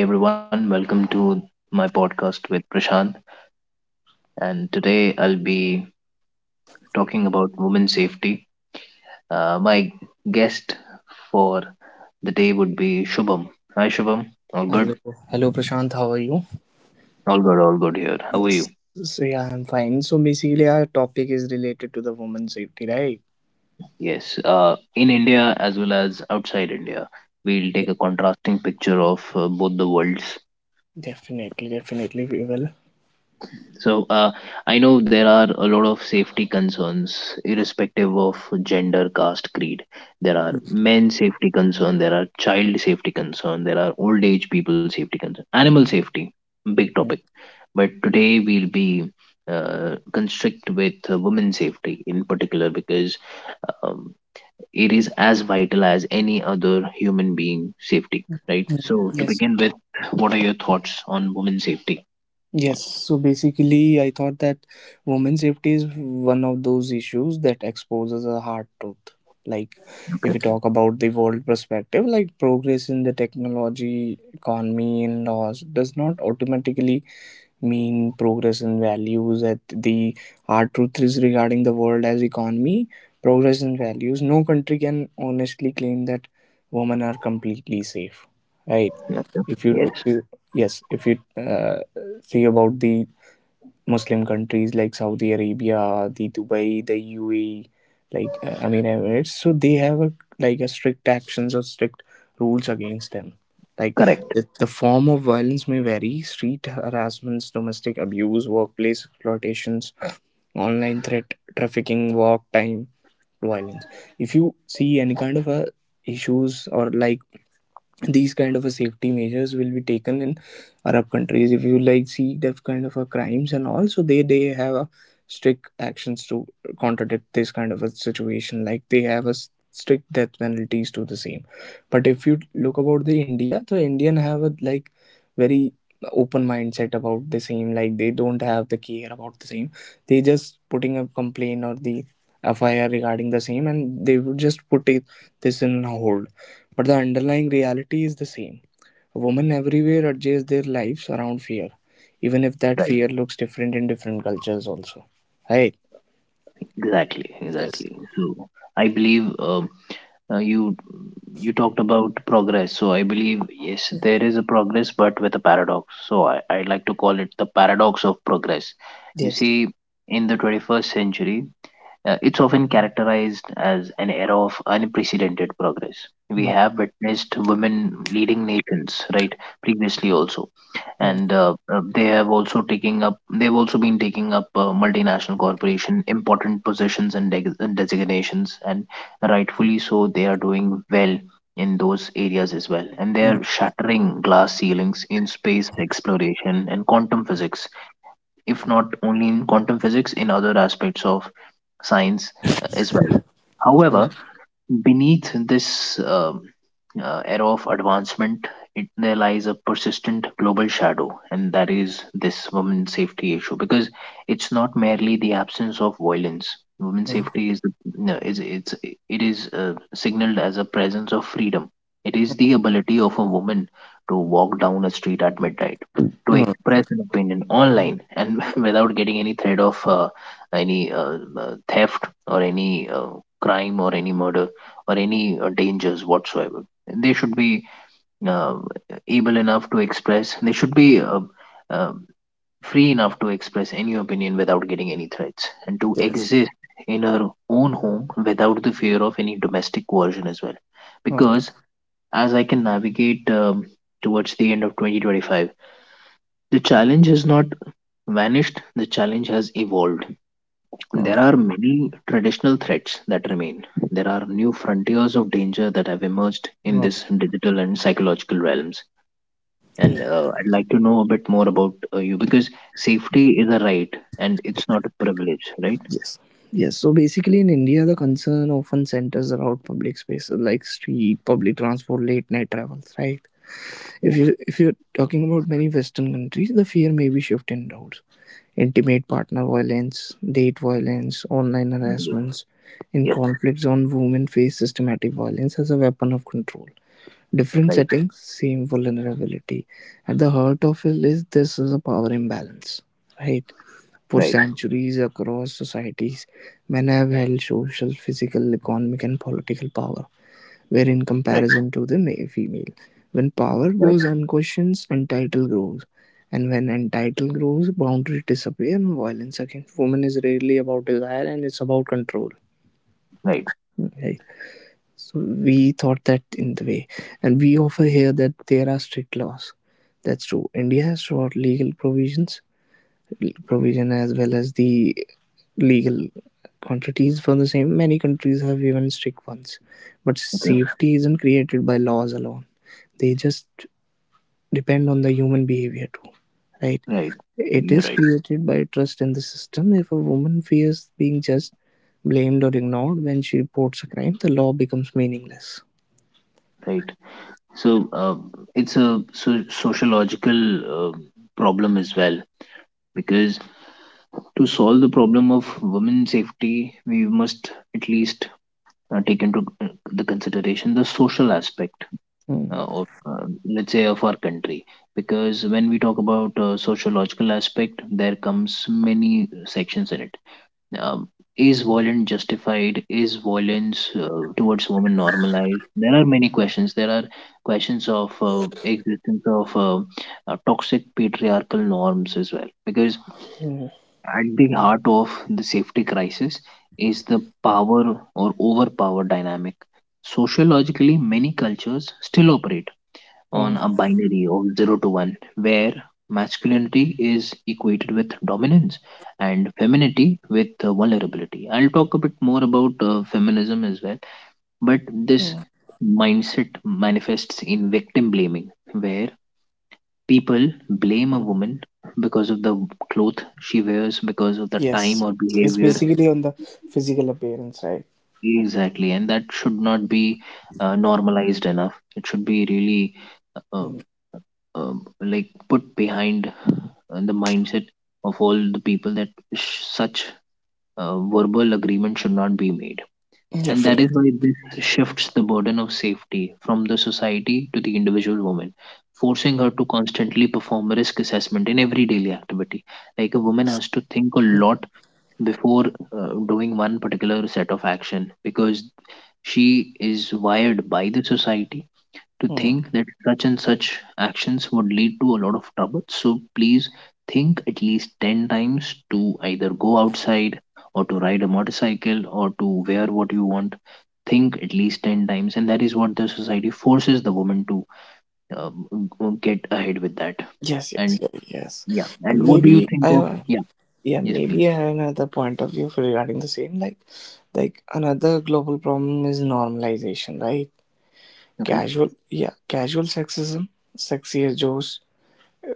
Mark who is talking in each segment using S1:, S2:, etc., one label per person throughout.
S1: Hi everyone, welcome to my podcast with Prashant. And today I'll be talking about women safety. My guest for the day would be Shubham. Hi Shubham, all good?
S2: Hello, hello, Prashant. You?
S1: All good, all good here. How are you?
S2: Yes. So yeah, I'm fine. So basically, our topic is to the woman, right?
S1: Yes, in India as well as outside India, we'll
S2: Yeah.
S1: take a contrasting picture of both the worlds.
S2: Definitely well.
S1: So, uh, I know there are a lot of safety concerns, irrespective of gender, caste, creed. There are
S2: Mhm.
S1: men safety concern, there are child safety concern, there are old age people safety concern, animal safety, big topic. But today we'll be constrict with women safety in particular because um, it is as vital as any other human being safety, right?
S2: Mm.
S1: So, to
S2: Yes.
S1: begin with, what are your thoughts on women safety?
S2: Yes. So basically, I thought that women safety is one of those issues that exposes a hard truth. Like, if we
S1: Okay.
S2: talk about the world perspective, like progress in the technology, economy, and laws does not automatically mean progress in values at the our truth is regarding the world as economy progress in values no country can honestly claim that women are completely safe, right?
S1: Yeah, yeah.
S2: if you, if
S1: Yes.
S2: you yes if you see about the Muslim countries like Saudi Arabia, the Dubai, the UAE, like I mean Emirates. So they have a, like a strict actions or strict rules against them. Like
S1: Correct.
S2: the form of violence may vary: street harassments, domestic abuse, workplace exploitations, online threat, trafficking, work time violence. If you see any kind of a issues or like these kind of a safety measures will be taken in arab countries if you like see that kind of a crimes, and also they have a strict actions to contradict this kind of a situation. Like they have a strict death penalties to the same, but if you look about the india the indian have a like very open mindset about the same, like they don't have the care about the same. They just putting a complaint or the fir regarding the same and they would just put it this in a hold, but the underlying reality is the same. Women everywhere adjust their lives around fear, even if that
S1: Right,
S2: fear looks different in different cultures, also. Right?
S1: exactly,
S2: Yes.
S1: exactly. So I believe uh, you you talked about progress. So I believe yes, there is a progress, but with a paradox. So I like to call it the paradox of progress. You
S2: Yes.
S1: see, in the 21st century, It's often characterized as an era of unprecedented progress. We
S2: Mm,
S1: have witnessed women leading nations, right? Previously, also, and
S2: mm,
S1: they have also taking up. They've also been taking up multinational corporation important positions and designations, and rightfully so. They are doing well in those areas as well, and they
S2: mm,
S1: are shattering glass ceilings in space exploration and quantum physics, if not only in quantum physics in other aspects of science as well.
S2: mm,
S1: However, beneath this era of advancement, there lies a persistent global shadow, and that is this women's safety issue. Because it's not merely the absence of violence. Women's
S2: mm.
S1: safety is no, is it's it is signaled as a presence of freedom. It is the ability of a woman to walk down a street at midnight, to
S2: Mm.
S1: express an opinion online, and without getting any threat of any theft or any crime or any murder or any dangers whatsoever. They should be uh, able enough to express, they should be uh, free enough to express any opinion without getting any threats, and to
S2: Yes.
S1: exist in her own home without the fear of any domestic coercion as well.
S2: Mm,
S1: Because as I can navigate towards the end of 2025, the challenge has not vanished, the challenge has evolved. There
S2: mm,
S1: are many traditional threats that remain. There are new frontiers of danger that have emerged in
S2: mm.
S1: this digital and psychological realms. And I'd like to know a bit more about you, because safety is a right and it's not a privilege, right?
S2: Yes. Yes. So basically, in India, the concern often centers around public spaces like street, public transport, late night travels, right? If
S1: Yeah.
S2: you if you're talking about many Western countries, the fear may be shift indoors. Intimate partner violence, date violence, online
S1: Yes.
S2: harassments, in
S1: Yes.
S2: conflicts on women face systematic violence as a weapon of control. Different
S1: Right.
S2: settings, same vulnerability. At the heart of it is this is a power imbalance, right? For
S1: Right.
S2: centuries across societies, men have held social, physical, economic, and political power, where in
S1: Right.
S2: comparison to the male female, when power
S1: Correct.
S2: goes unquestioned, entitle grows. And when entitle grows, boundaries disappear and violence against women is rarely about desire and it's about control,
S1: Right.
S2: right? So we thought that in the way. And we offer here that there are strict laws. That's true. India has short legal provisions, provision as well as the legal quantities for the same. Many countries have even strict ones. But
S1: Okay.
S2: safety isn't created by laws alone. They just depend on the human behavior too, right?
S1: Right.
S2: It
S1: You're
S2: is
S1: right.
S2: created by trust in the system. If a woman fears being just blamed or ignored when she reports a crime, the law becomes meaningless.
S1: Right. So it's a sociological problem as well, because to solve the problem of women safety, we must at least take into the consideration the social aspect
S2: Hmm.
S1: of let's say of our country, because when we talk about sociological aspect there comes many sections in it. Um, is violence justified, is violence towards women normalized? There are many questions, there are questions of existence of toxic patriarchal norms as well, because at the heart of the safety crisis is the power or overpower dynamic. Sociologically, many cultures still operate on
S2: Mm.
S1: a binary of 0 to 1, where masculinity is equated with dominance and femininity with vulnerability. I'll talk a bit more about feminism as well, but this
S2: Mm.
S1: mindset manifests in victim blaming, where people blame a woman because of the cloth she wears, because of the
S2: Yes,
S1: time or
S2: yes, it's
S1: behavior.
S2: basically on the physical appearance, right?
S1: Exactly. And that should not be normalized enough. It should be really uh,
S2: Mm.
S1: um, like put behind the mindset of all the people that such verbal agreement should not be made. And that
S2: Definitely.
S1: is why this shifts the burden of safety from the society to the individual woman, forcing her to constantly perform risk assessment in every daily activity. Like a woman has to think a lot before doing one particular set of action, because she is wired by the society to
S2: Mm.
S1: think that such and such actions would lead to a lot of trouble. So please think at least 10 times to either go outside or to ride a motorcycle or to wear what you want. Think at least 10 times, and that is what the society forces the woman to get ahead with that.
S2: Yes, yes,
S1: And
S2: yes, yes.
S1: yeah, and
S2: And
S1: what do you
S2: maybe
S1: think
S2: I
S1: of?
S2: have,
S1: Yeah,
S2: yeah,
S1: yes please.
S2: maybe I have another point of view for regarding the same. Like another global problem is normalization, right?
S1: Okay.
S2: Casual, yeah, casual sexism, sexier jokes,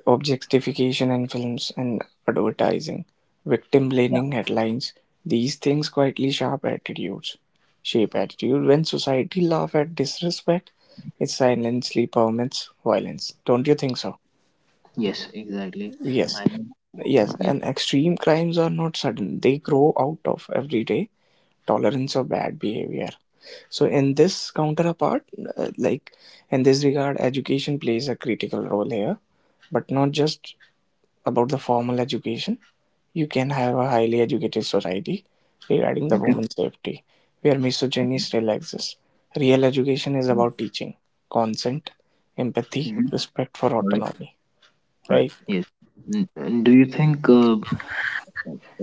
S2: objectification in films and advertising, victim
S1: Yeah.
S2: blaming headlines, these things quietly shape attitudes. Shape attitude when society laughs at disrespect, it silently permits violence. Don't you think so?
S1: Yes, exactly.
S2: Yes,
S1: I know.
S2: yes,
S1: Yeah.
S2: and extreme crimes are not sudden, they grow out of everyday tolerance of bad behavior. So, in this counterpart, like in this regard, education plays a critical role here, but not just about the formal education. You can have a highly educated society regarding the
S1: Okay.
S2: woman's safety, where misogyny still exists. Real education is about teaching consent, empathy,
S1: Mhm.
S2: respect for
S1: All right.
S2: autonomy,
S1: All right.
S2: right?
S1: Yes. And do you think uh,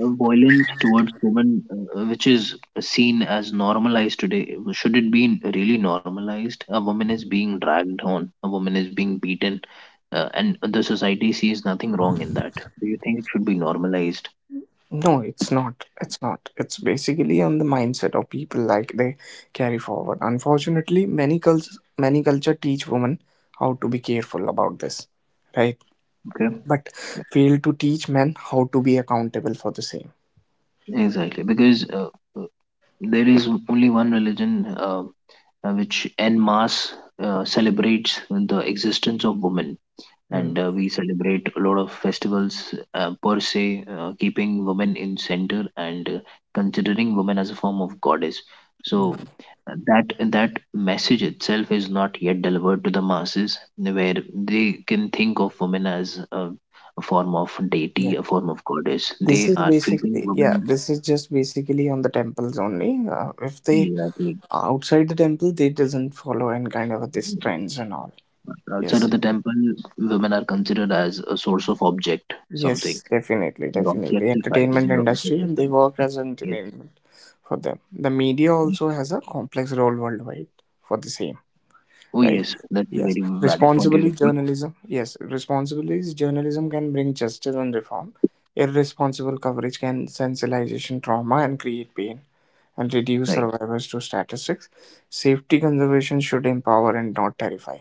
S1: violence towards women, which is seen as normalized today, should it be really normalized? A woman is being dragged on, a woman is being beaten, and the society sees nothing wrong in that. Do you think it should be normalized?
S2: No, it's not. It's not. It's basically on the mindset of people like they carry forward. Unfortunately, many cults, many culture teach women how to be careful about this, right?
S1: Okay,
S2: But fail to teach men how to be accountable for the same.
S1: exactly, because uh, there is only one religion which en masse celebrates the existence of women,
S2: Mm.
S1: and we celebrate a lot of festivals per se, keeping women in center and considering women as a form of goddess.
S2: Yeah.
S1: So that message itself is not yet delivered to the masses, where they can think of women as a form of deity, a form of goddess.
S2: This
S1: They
S2: is
S1: are treating
S2: basically, yeah,
S1: women.
S2: this is just basically on the temples only. If they
S1: Yeah,
S2: outside the temple, they doesn't follow and kind of this trends and all.
S1: outside of
S2: Yes,
S1: the temple, women are considered as a source of object, something.
S2: yes, definitely,
S1: They're
S2: definitely.
S1: objectified.
S2: Entertainment
S1: They're
S2: industry and they
S1: objectified.
S2: work as
S1: Yes.
S2: entertainment for them. The media also has a complex role worldwide for the same,
S1: Oh
S2: right?
S1: yes, that's a
S2: Yes,
S1: very valid point you
S2: responsibly
S1: have put.
S2: journalism. Yes, responsibly journalism can bring justice and reform. Irresponsible coverage can sensitization trauma and create pain and reduce
S1: Right.
S2: survivors to statistics. Safety conservation should empower and not terrify.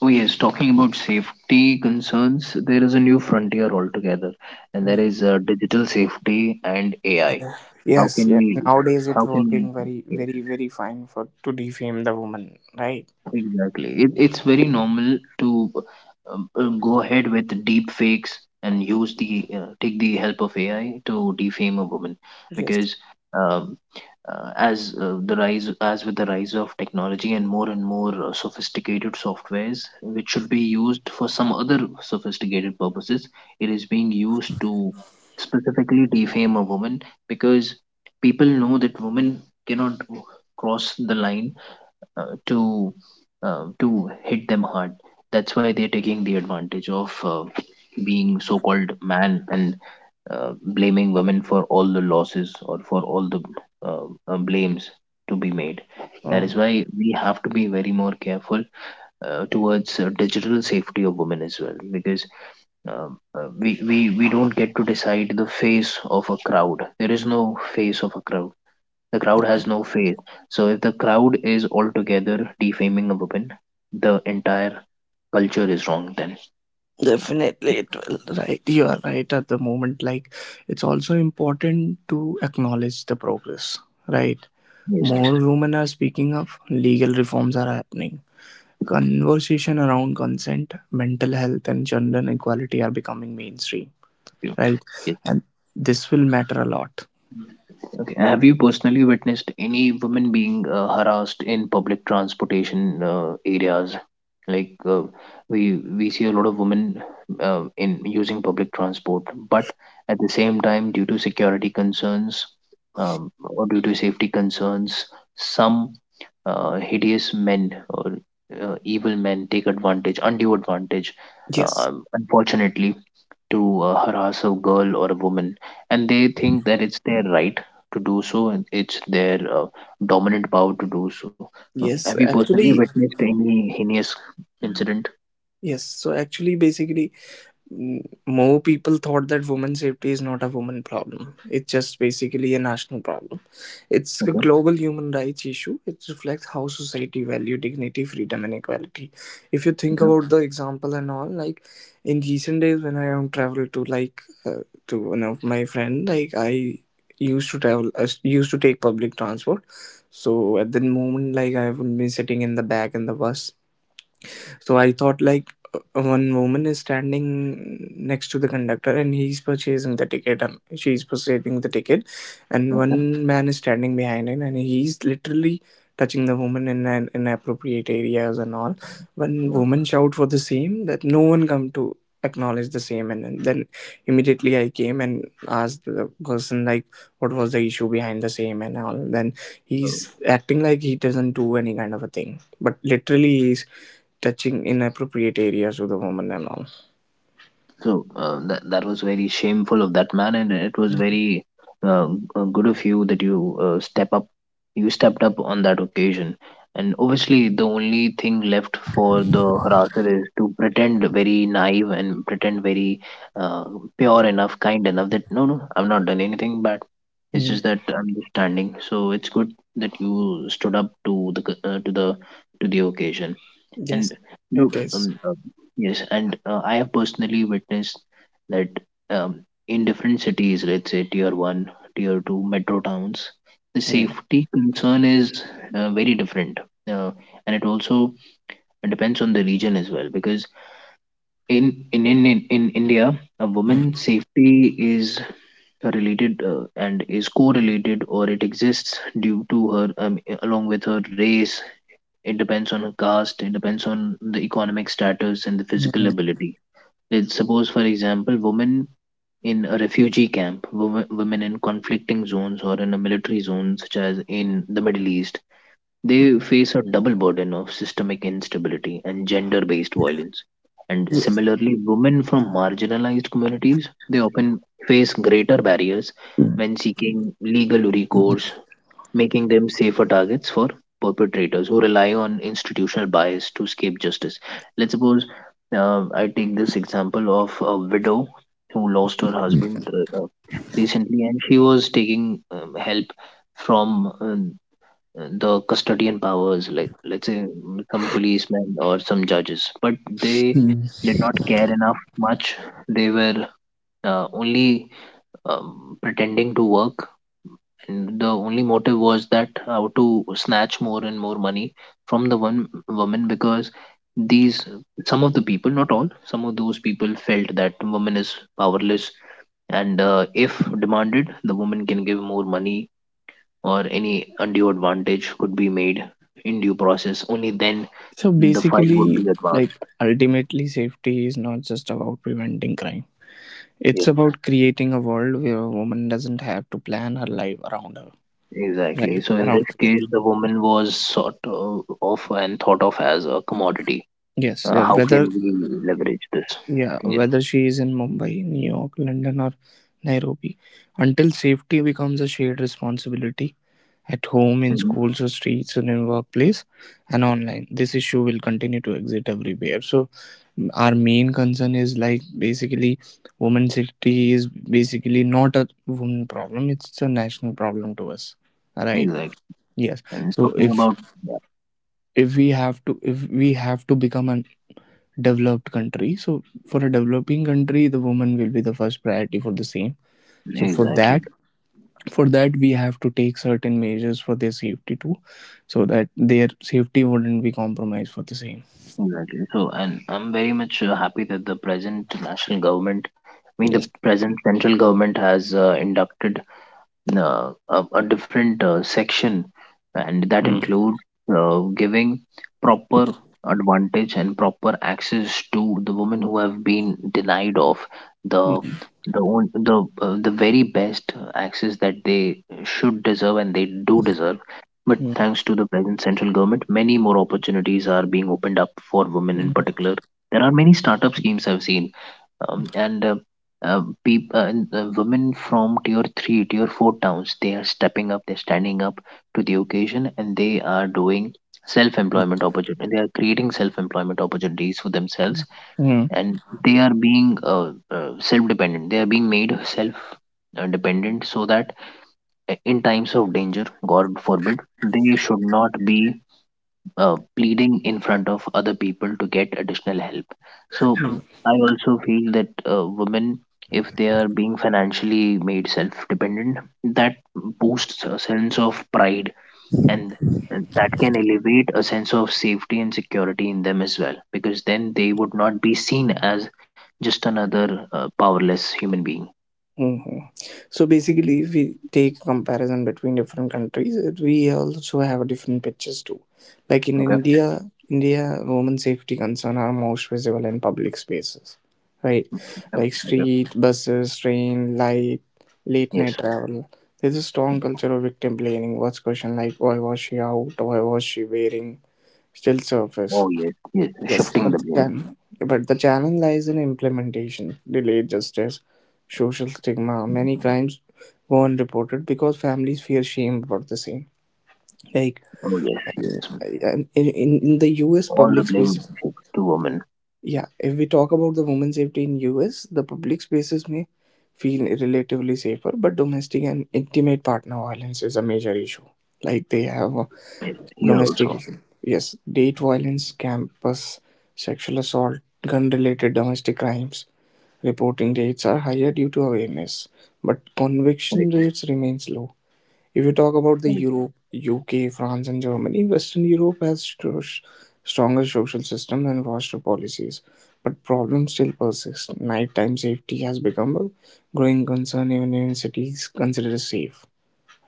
S1: Oh yes, talking about safety concerns, there is a new frontier altogether, and that
S2: Mm.
S1: is digital safety and AI.
S2: Yeah.
S1: How
S2: Yes,
S1: can
S2: yes.
S1: we?
S2: Nowadays it's
S1: How can
S2: working very,
S1: we?
S2: very, very fine for to defame the woman, right?
S1: Exactly. It's very normal to go ahead with deep fakes and use the take the help of AI to defame a woman,
S2: Yes.
S1: because um, as the rise, as with the rise of technology and more sophisticated softwares which should be used for some other sophisticated purposes, it is being used to specifically defame a woman, because people know that women cannot cross the line to to hit them hard. That's why they're taking the advantage of being so-called man and blaming women for all the losses or for all the uh, blames to be made. That
S2: Mm.
S1: is why we have to be very more careful towards digital safety of women as well, because we don't get to decide the face of a crowd. There is no face of a crowd, the crowd has no face. So if the crowd is altogether defaming a woman, the entire culture is wrong then.
S2: Definitely it will, right? You are right at the moment. Like it's also important to acknowledge the progress, right?
S1: Yes.
S2: More women are speaking up, legal reforms are happening. Conversation around consent, mental health and gender equality are becoming mainstream,
S1: You.
S2: right?
S1: Yes.
S2: And this will matter a lot.
S1: Okay. Have you personally witnessed any women being harassed in public transportation areas? Like uh, we see a lot of women in using public transport, but at the same time, due to security concerns or due to safety concerns, some hideous men or evil men take advantage, undue advantage.
S2: Yes,
S1: Unfortunately, to harass a girl or a woman, and they think that it's their right to do so, and it's their dominant power to do so. Have
S2: yes,
S1: you personally
S2: actually,
S1: witnessed any heinous incident?
S2: yes. So, actually, basically, more people thought that women's safety is not a woman problem, it's just basically a national problem. It's a global human rights issue, it reflects how society value dignity freedom and equality. If you think
S1: Okay.
S2: about the example and all, like in recent days when I am travel to like to one of my friend, like I used to travel used to take public transport. So at the moment like I would be sitting in the back in the bus, so I thought like one woman is standing next to the conductor and he's purchasing the ticket and she's purchasing the ticket, and
S1: Okay.
S2: one man is standing behind him and he's literally touching the woman in an inappropriate areas and all. When
S1: Okay.
S2: women shout for the same that no one come to acknowledge the same and then immediately I came and asked the person like what was the issue behind the same and all, then he's acting like he doesn't do any kind of a thing but literally he's touching inappropriate areas with a woman and all.
S1: So that was very shameful of that man, and it was very uh, good of you that you step up. You stepped up on that occasion, and obviously the only thing left for the harasser is to pretend very naive and pretend very uh, pure enough, kind enough that no, no, I've not done anything bad. It's
S2: Mm.
S1: just that I'm just standing. So it's good that you stood up to the to the to the occasion.
S2: Yes.
S1: And look,
S2: It is.
S1: yes, and I have personally witnessed that um, in different cities, let's say tier one, tier two, metro towns, the
S2: Mm.
S1: safety concern is very different, uh, and it also depends on the region as well. Because in India, a woman's
S2: Mm,
S1: safety is related and is correlated, or it exists due to her along with her race. It depends on a caste, it depends on the economic status and the physical ability. Let's suppose, for example, women in a refugee camp, women in conflicting zones or in a military zone, such as in the Middle East, they face a double burden of systemic instability and gender based violence. And similarly, women from marginalized communities, they often face greater barriers
S2: mm,
S1: when seeking legal recourse, making them safer targets for perpetrators who rely on institutional bias to escape justice. Let's suppose, I take this example of a widow who lost her husband, recently, and she was taking help from the custodian powers, like let's say, some policemen or some judges, but they
S2: mm.
S1: did not care enough much. They were only pretending to work, and the only motive was that how to snatch more and more money from the one woman, because these, some of the people, not all, some of those people felt that woman is powerless. And if demanded, the woman can give more money, or any undue advantage could be made in due process. Only then
S2: So
S1: the file would
S2: basically,
S1: be
S2: like
S1: advanced.
S2: ultimately, safety is not just about preventing crime. It's
S1: Yes,
S2: about creating a world where a woman doesn't have to plan her life around her, right?
S1: exactly. So in
S2: Around
S1: this
S2: fear.
S1: case, the woman was sort of and thought of as a commodity.
S2: Yes, uh,
S1: How can
S2: whether
S1: we leverage this?
S2: yeah,
S1: Yes,
S2: whether she is in Mumbai, New York, London, or Nairobi, until safety becomes a shared responsibility at home, in
S1: hmm,
S2: schools or streets, and in workplace and online. This issue will continue to exist everywhere. So our main concern is like basically women safety is basically not a woman problem; it's a national problem to us. Right.
S1: exactly.
S2: Yes.
S1: And
S2: So
S1: talking
S2: if
S1: about.
S2: if we have to if we have to become a developed country, so for a developing country, the woman will be the first priority for the same. So
S1: Yeah,
S2: for
S1: exactly,
S2: that for that we have to take certain measures for their safety too so that their safety wouldn't be compromised for the same.
S1: exactly. So, and I'm very much happy that the present national government, I mean the
S2: Yes.
S1: present central government, has inducted a different section, and
S2: Mm.
S1: that include giving proper advantage and proper access to the women who have been denied of the
S2: Mm.
S1: the own, the very best access that they should deserve and they do deserve. But thanks to the present central government, many more opportunities are being opened up for women in
S2: Mm.
S1: particular. There are many startup schemes I've seen, um, and uh, and women from tier 3, tier 4 towns, they are stepping up, they're standing up to the occasion, and they are doing self
S2: Mm.
S1: employment opportunity, they are creating self employment opportunities for themselves.
S2: Mm.
S1: And they are being self dependent, they are being made self dependent, so that in times of danger, god forbid, they should not be pleading in front of other people to get additional help. So I also feel that women, if they are being financially made self-dependent, that boosts a sense of pride, and and that can elevate a sense of safety and security in them as well, because then they would not be seen as just another powerless human being.
S2: Hmm. So basically, if we take comparison between different countries, it- we also have different pictures too. Like in
S1: Okay.
S2: India, India women safety concern are most visible in public spaces, right?
S1: Yeah.
S2: Like
S1: Okay.
S2: street, buses, train, light, late
S1: Yes.
S2: night travel. There's a strong culture of victim blaming. What's question like why was she out? Why was she wearing? Still surface.
S1: Oh yes. Yes.
S2: Yes,
S1: Shifting the blame.
S2: but the challenge lies in implementation, delayed justice, social stigma. Many crimes go unreported because families fear shame about the same. Like
S1: Oh yes. Yes.
S2: in, in the U.S.
S1: All the
S2: public
S1: blame
S2: spaces,
S1: shifts to women.
S2: yeah. If we talk about the women's safety in U.S., the public spaces may feel relatively safer, but domestic and intimate partner violence is a major issue. Like they have a
S1: Yes, here
S2: domestic
S1: also.
S2: issue. Yes, date violence, campus, sexual assault, gun-related domestic crimes reporting rates are higher due to awareness, but conviction
S1: Right,
S2: rates remains low. If you talk about the
S1: right,
S2: Europe, UK, France, and Germany, Western Europe has stronger social system and faster policies, but problems still persist. Nighttime safety has become a growing concern even in cities considered safe.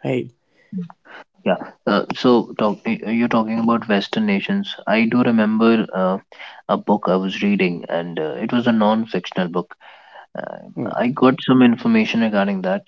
S2: Right.
S1: right. Yeah. So, you're talking about Western nations. I do remember a book I was reading, and it was a non-fictional book. Uh,
S2: Mm,
S1: I got some information regarding that.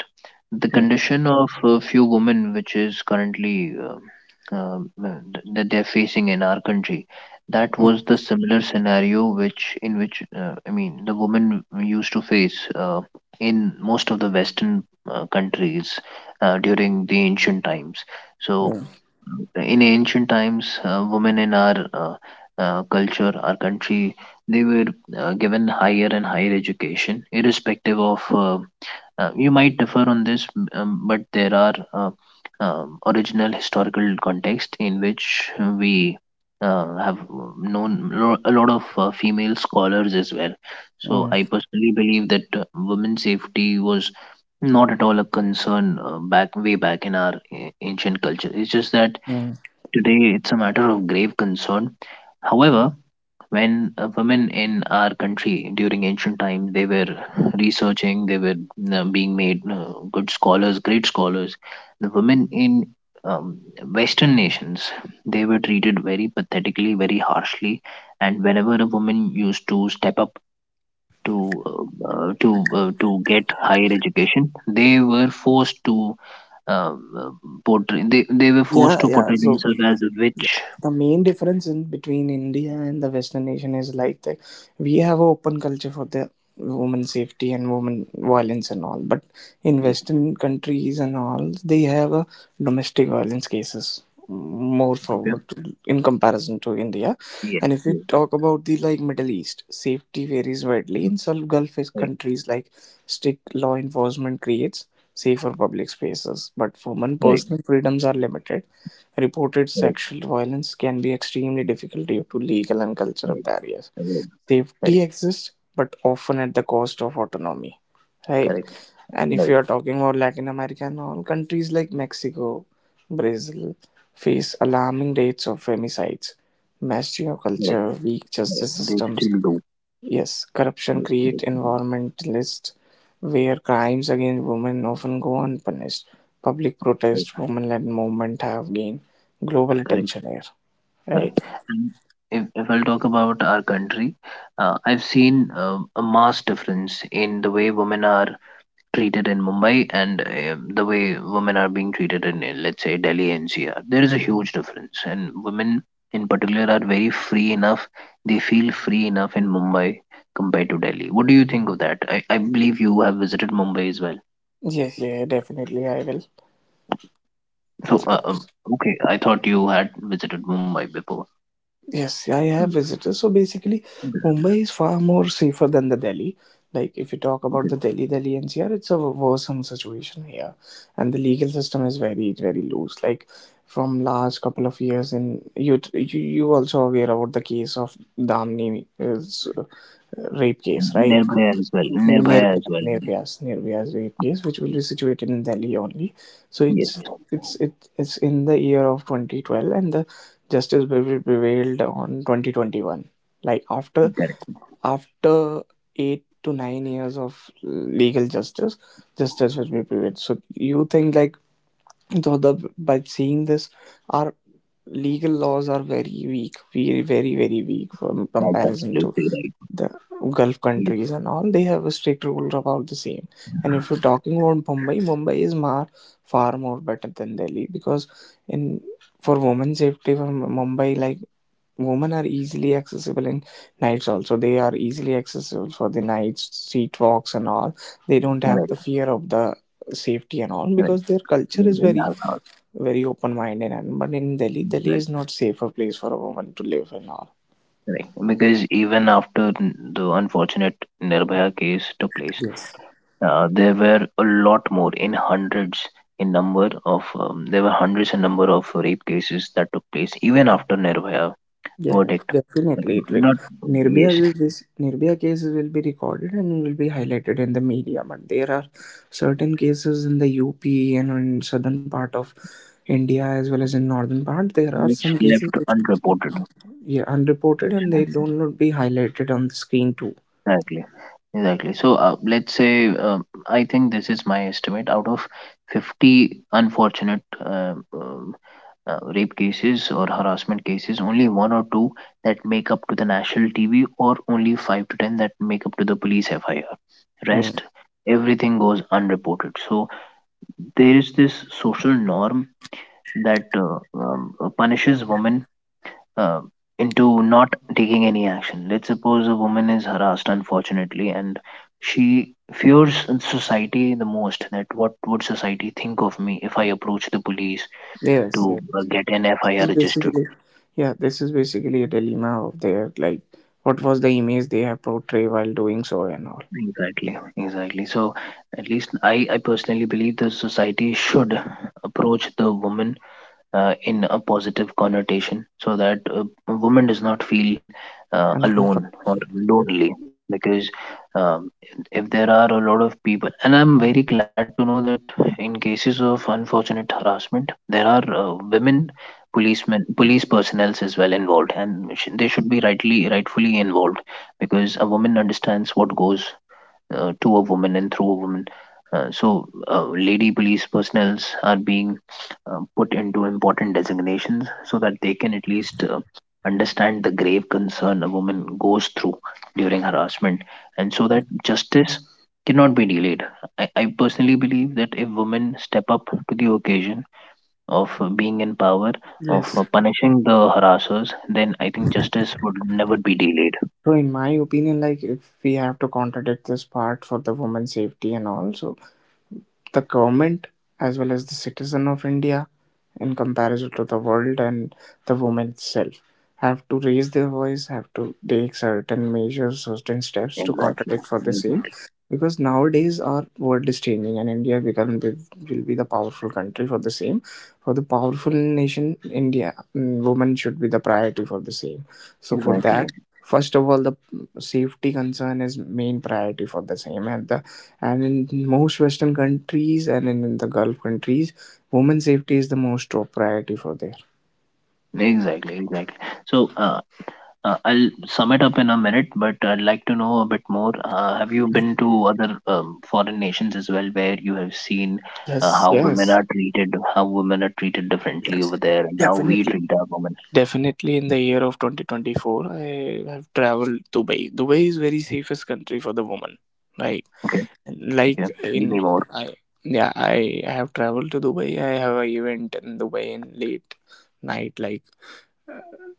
S1: The
S2: mm,
S1: condition of a few women, which is currently that they're facing in our country, that was the similar scenario which in which I mean the women used to face in most of the Western countries during the ancient times. So
S2: mm,
S1: in ancient times, women in our culture, our country, they were given higher and higher education, irrespective of. You might differ on this, but there are original historical context in which we have known a lot of female scholars as well. So
S2: mm,
S1: I personally believe that women's safety was not at all a concern, back, way back in our ancient culture. It's just that
S2: mm.
S1: today, it's a matter of grave concern. However, when women in our country during ancient times, they were researching, they were being made good scholars, great scholars. The women in um, Western nations, they were treated very pathetically, very harshly, and whenever a woman used to step up to get higher education, they were forced to um, uh, portray they, they were forced
S2: Yeah,
S1: to
S2: yeah.
S1: portray
S2: So
S1: themselves as a
S2: yeah.
S1: witch.
S2: The main difference in between India and the Western nation is like that we have a open culture for the women safety and women violence and all, but in
S1: Yeah,
S2: Western countries and all, they have a domestic violence cases more
S1: okay.
S2: forward to, in comparison to India.
S1: Yeah,
S2: And if
S1: yeah,
S2: we talk about the like Middle East, safety varies widely. In some Gulf
S1: right,
S2: countries, like strict law enforcement creates safer public spaces, but women
S1: right,
S2: personal freedoms are limited. Reported
S1: right,
S2: sexual violence can be extremely difficult due to legal and cultural
S1: right,
S2: barriers.
S1: right,
S2: Safety
S1: right,
S2: exists, but often at the cost of autonomy, right?
S1: correct,
S2: And if you
S1: right,
S2: are talking about Latin America and all, countries like Mexico, Brazil face alarming rates of femicides, mass geo
S1: right,
S2: culture, weak
S1: right.
S2: justice
S1: They
S2: systems,
S1: still do.
S2: yes, corruption
S1: Yes,
S2: create
S1: yes, yes,
S2: environmentalists where crimes against women often go unpunished. Public
S1: right,
S2: protest, women-led movement have gained global
S1: correct,
S2: attention here, right?
S1: correct. And if I'll talk about our country, I've seen a mass difference in the way women are treated in Mumbai, and the way women are being treated in, let's say, Delhi NCR. There is a huge difference, and women in particular are very free enough. They feel free enough in Mumbai compared to Delhi. What do you think of that? I believe you have visited Mumbai as well.
S2: Yes, yeah, definitely I will.
S1: So, okay, I thought you had visited Mumbai before.
S2: Yes, I
S1: Hmm.
S2: have visited. So basically,
S1: Okay,
S2: Mumbai is far more safer than the Delhi. Like if you talk about
S1: okay.
S2: the Delhi, Delhi NCR, it's a worrisome situation here, and the legal system is very, very loose. Like from last couple of years, you also aware about the case of Damni rape
S1: And
S2: case, right?
S1: Nirbhaya as well. Nirbhaya as
S2: Nirbhaya,
S1: well.
S2: Nirbhaya's rape case, which will
S1: Yes,
S2: be situated in Delhi only. So
S1: yes,
S2: it's in the year of 2012, and the justice will be prevailed on 2021. Like after
S1: correct.
S2: after eight to nine years of legal justice, justice will be prevailed. So you think like so the by seeing this, our legal laws are very weak, very weak from
S1: That's
S2: comparison to
S1: absolutely right.
S2: the Gulf
S1: Yes,
S2: countries and all, they have a strict rule about the same. And if you're talking about Mumbai, far more better than Delhi because in for women safety for Mumbai, like women are easily accessible in nights also. They are easily accessible for the nights, street walks and all. They don't have
S1: correct,
S2: the fear of the safety and all
S1: correct.
S2: because their culture
S1: Yes,
S2: is
S1: yes,
S2: very
S1: yes,
S2: very open minded and but in Delhi Delhi
S1: yes.
S2: is not safer place for a woman to live and all.
S1: Right. Because even after the unfortunate Nirbhaya case took place,
S2: Yes.
S1: there were a lot more in hundreds in number of, there were hundreds in number of rape cases that took place even after Nirbhaya
S2: Yes,
S1: verdict. Like,
S2: definitely it will.
S1: not.
S2: Nirbhaya
S1: Yes,
S2: is this Nirbhaya cases will be recorded and will be highlighted in the media. But there are certain cases in the UP and in southern part of India as well as in northern part. There are
S1: which
S2: some cases
S1: left
S2: which are
S1: unreported.
S2: yeah, unreported and they don't not be highlighted on the screen too.
S1: Exactly, exactly. So let's say, I think this is my estimate. Out of 50 unfortunate rape cases or harassment cases, only one or two that make up to the national TV, or only five to ten that make up to the police FIR.
S2: Mm.
S1: Rest, everything goes unreported. So there is this social norm that punishes women uh, into not taking any action. Let's suppose a woman is harassed, unfortunately, and she fears society the most, that what would society think of me if I approach the police
S2: Yes,
S1: to
S2: yes.
S1: get an
S2: This
S1: FIR
S2: is
S1: registered.
S2: basically, yeah, this is basically a dilemma of their like what was the image they have portrayed while doing so and all.
S1: Exactly, exactly. So, at least I personally believe the society should approach the woman in a positive connotation, so that a woman does not feel alone
S2: Uncomfortable.
S1: or lonely. Because um, if there are a lot of people, and I'm very glad to know that in cases of unfortunate harassment, there are women policemen, police personnel as well involved, and they should be rightly, rightfully involved, because a woman understands what goes to a woman and through a woman. So, lady police personnels are being put into important designations, so that they can at least understand the grave concern a woman goes through during harassment, and so that justice cannot be delayed. I personally believe that if women step up to the occasion of being in power, of
S2: Yes.
S1: punishing the harassers, then I think justice would never be delayed.
S2: So in my opinion, like if we have to contradict this part for the woman's safety and all, so the government as well as the citizen of India in comparison to the world and the woman itself have to raise their voice, have to take certain measures, certain steps to
S1: Exactly.
S2: contradict for the same.
S1: Exactly.
S2: Because nowadays our world is changing and India become, will be the powerful country for the same. For the powerful nation, India, mm, women should be the priority for the same. So for
S1: Exactly.
S2: that, first of all, the safety concern is main priority for the same and the and in most Western countries and in the Gulf countries, women safety is the most top priority for there.
S1: Exactly, exactly. So, I'll sum it up in a minute, but I'd like to know a bit more. Have you been to other foreign nations as well, where you have seen
S2: Yes,
S1: how women are treated, how women are treated differently over
S2: Yes,
S1: there, and how we
S2: definitely.
S1: treat our women?
S2: Definitely. In the year of 2024, I have traveled Dubai. Dubai is very safest country for the woman. Right,
S1: Okay,
S2: like
S1: okay. Tell
S2: in
S1: me more.
S2: I yeah I have traveled to Dubai. I have an event in Dubai in late night, like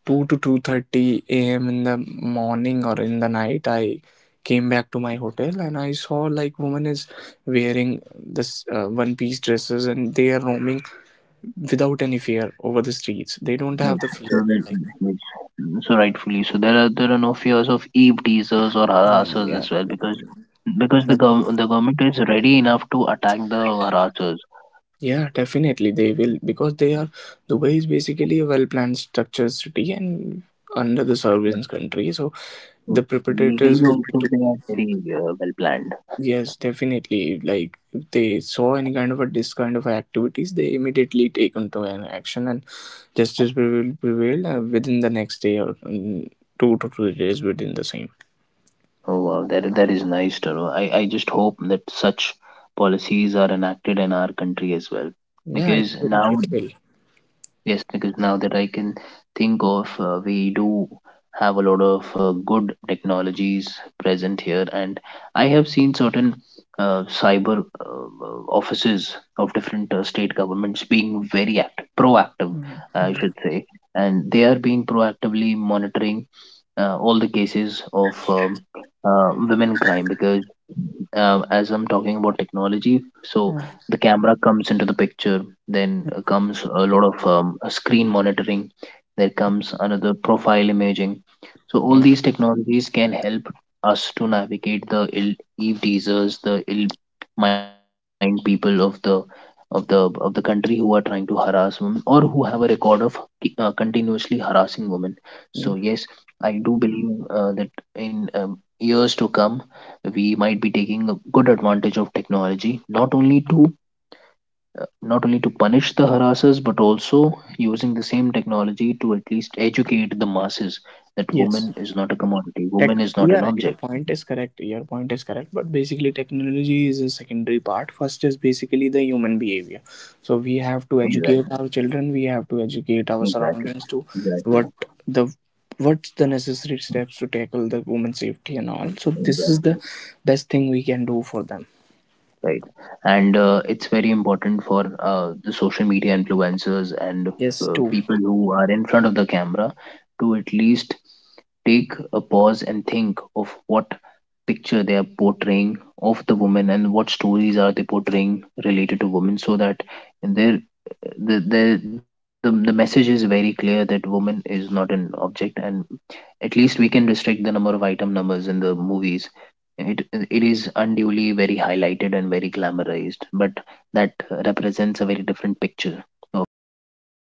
S2: 2 to 2:30 a.m. in the morning or in the night I came back to my hotel and I saw like woman is wearing this one piece dresses and they are roaming without any fear over the streets they don't
S1: Yes.
S2: have the
S1: So
S2: fear
S1: that,
S2: like
S1: yes. Mm. So rightfully, so there are no fears of eve teasers or
S2: yeah
S1: harassers
S2: yeah
S1: as well, because because the
S2: that-
S1: gov the government is ready enough to attack the harassers.
S2: yeah definitely they will because they are Dubai is basically a well planned structured city and under the surveillance country so
S1: Mm.
S2: the perpetrators
S1: Legally
S2: will be
S1: also they are very well planned.
S2: Yes, definitely. Like if they saw any kind of a this kind of activities, they immediately take into an action, and justice prevailed within the next day or two to three days within the same.
S1: Oh wow, that is nice to know. I just hope that such policies are enacted in our country as well.
S2: Yeah, it
S1: Because
S2: will.
S1: now,
S2: It will.
S1: yes, because now that I can think of, we do have a lot of good technologies present here, and I have seen certain cyber offices of different state governments being very active, proactive, I
S2: Mm-hmm.
S1: should say, and they are being proactively monitoring all the cases of women crime, because as I'm talking about technology, so the camera comes into the picture, then comes a lot of screen monitoring, there comes another profile imaging. So all these technologies can help us to navigate the ill eve teasers, the ill mind people of the country, who are trying to harass women or who have a record of continuously harassing women. So yes,
S2: Mm.
S1: I do believe that in years to come, we might be taking a good advantage of technology, not only to punish the harassers, but also using the same technology to at least educate the masses that woman is
S2: Yes.
S1: not a commodity, woman is not an
S2: Yeah,
S1: object.
S2: your point is correct. Your point is correct, but basically, technology is a secondary part. First is basically the human behavior. So we have to educate
S1: Exactly,
S2: our children. We have to educate our
S1: exactly,
S2: surroundings to
S1: exactly,
S2: what the what's the necessary steps to tackle the woman safety and all. So this is
S1: exactly.
S2: the best thing we can do for them.
S1: Right. And it's very important for the social media influencers and
S2: Yes, to
S1: people who are in front of the camera to at least take a pause and think of what picture they are portraying of the woman, and what stories are they portraying related to women, so that their the message is very clear that woman is not an object, and at least we can restrict the number of item numbers in the movies. It is unduly very highlighted and very glamorized, but that represents a very different picture of how women should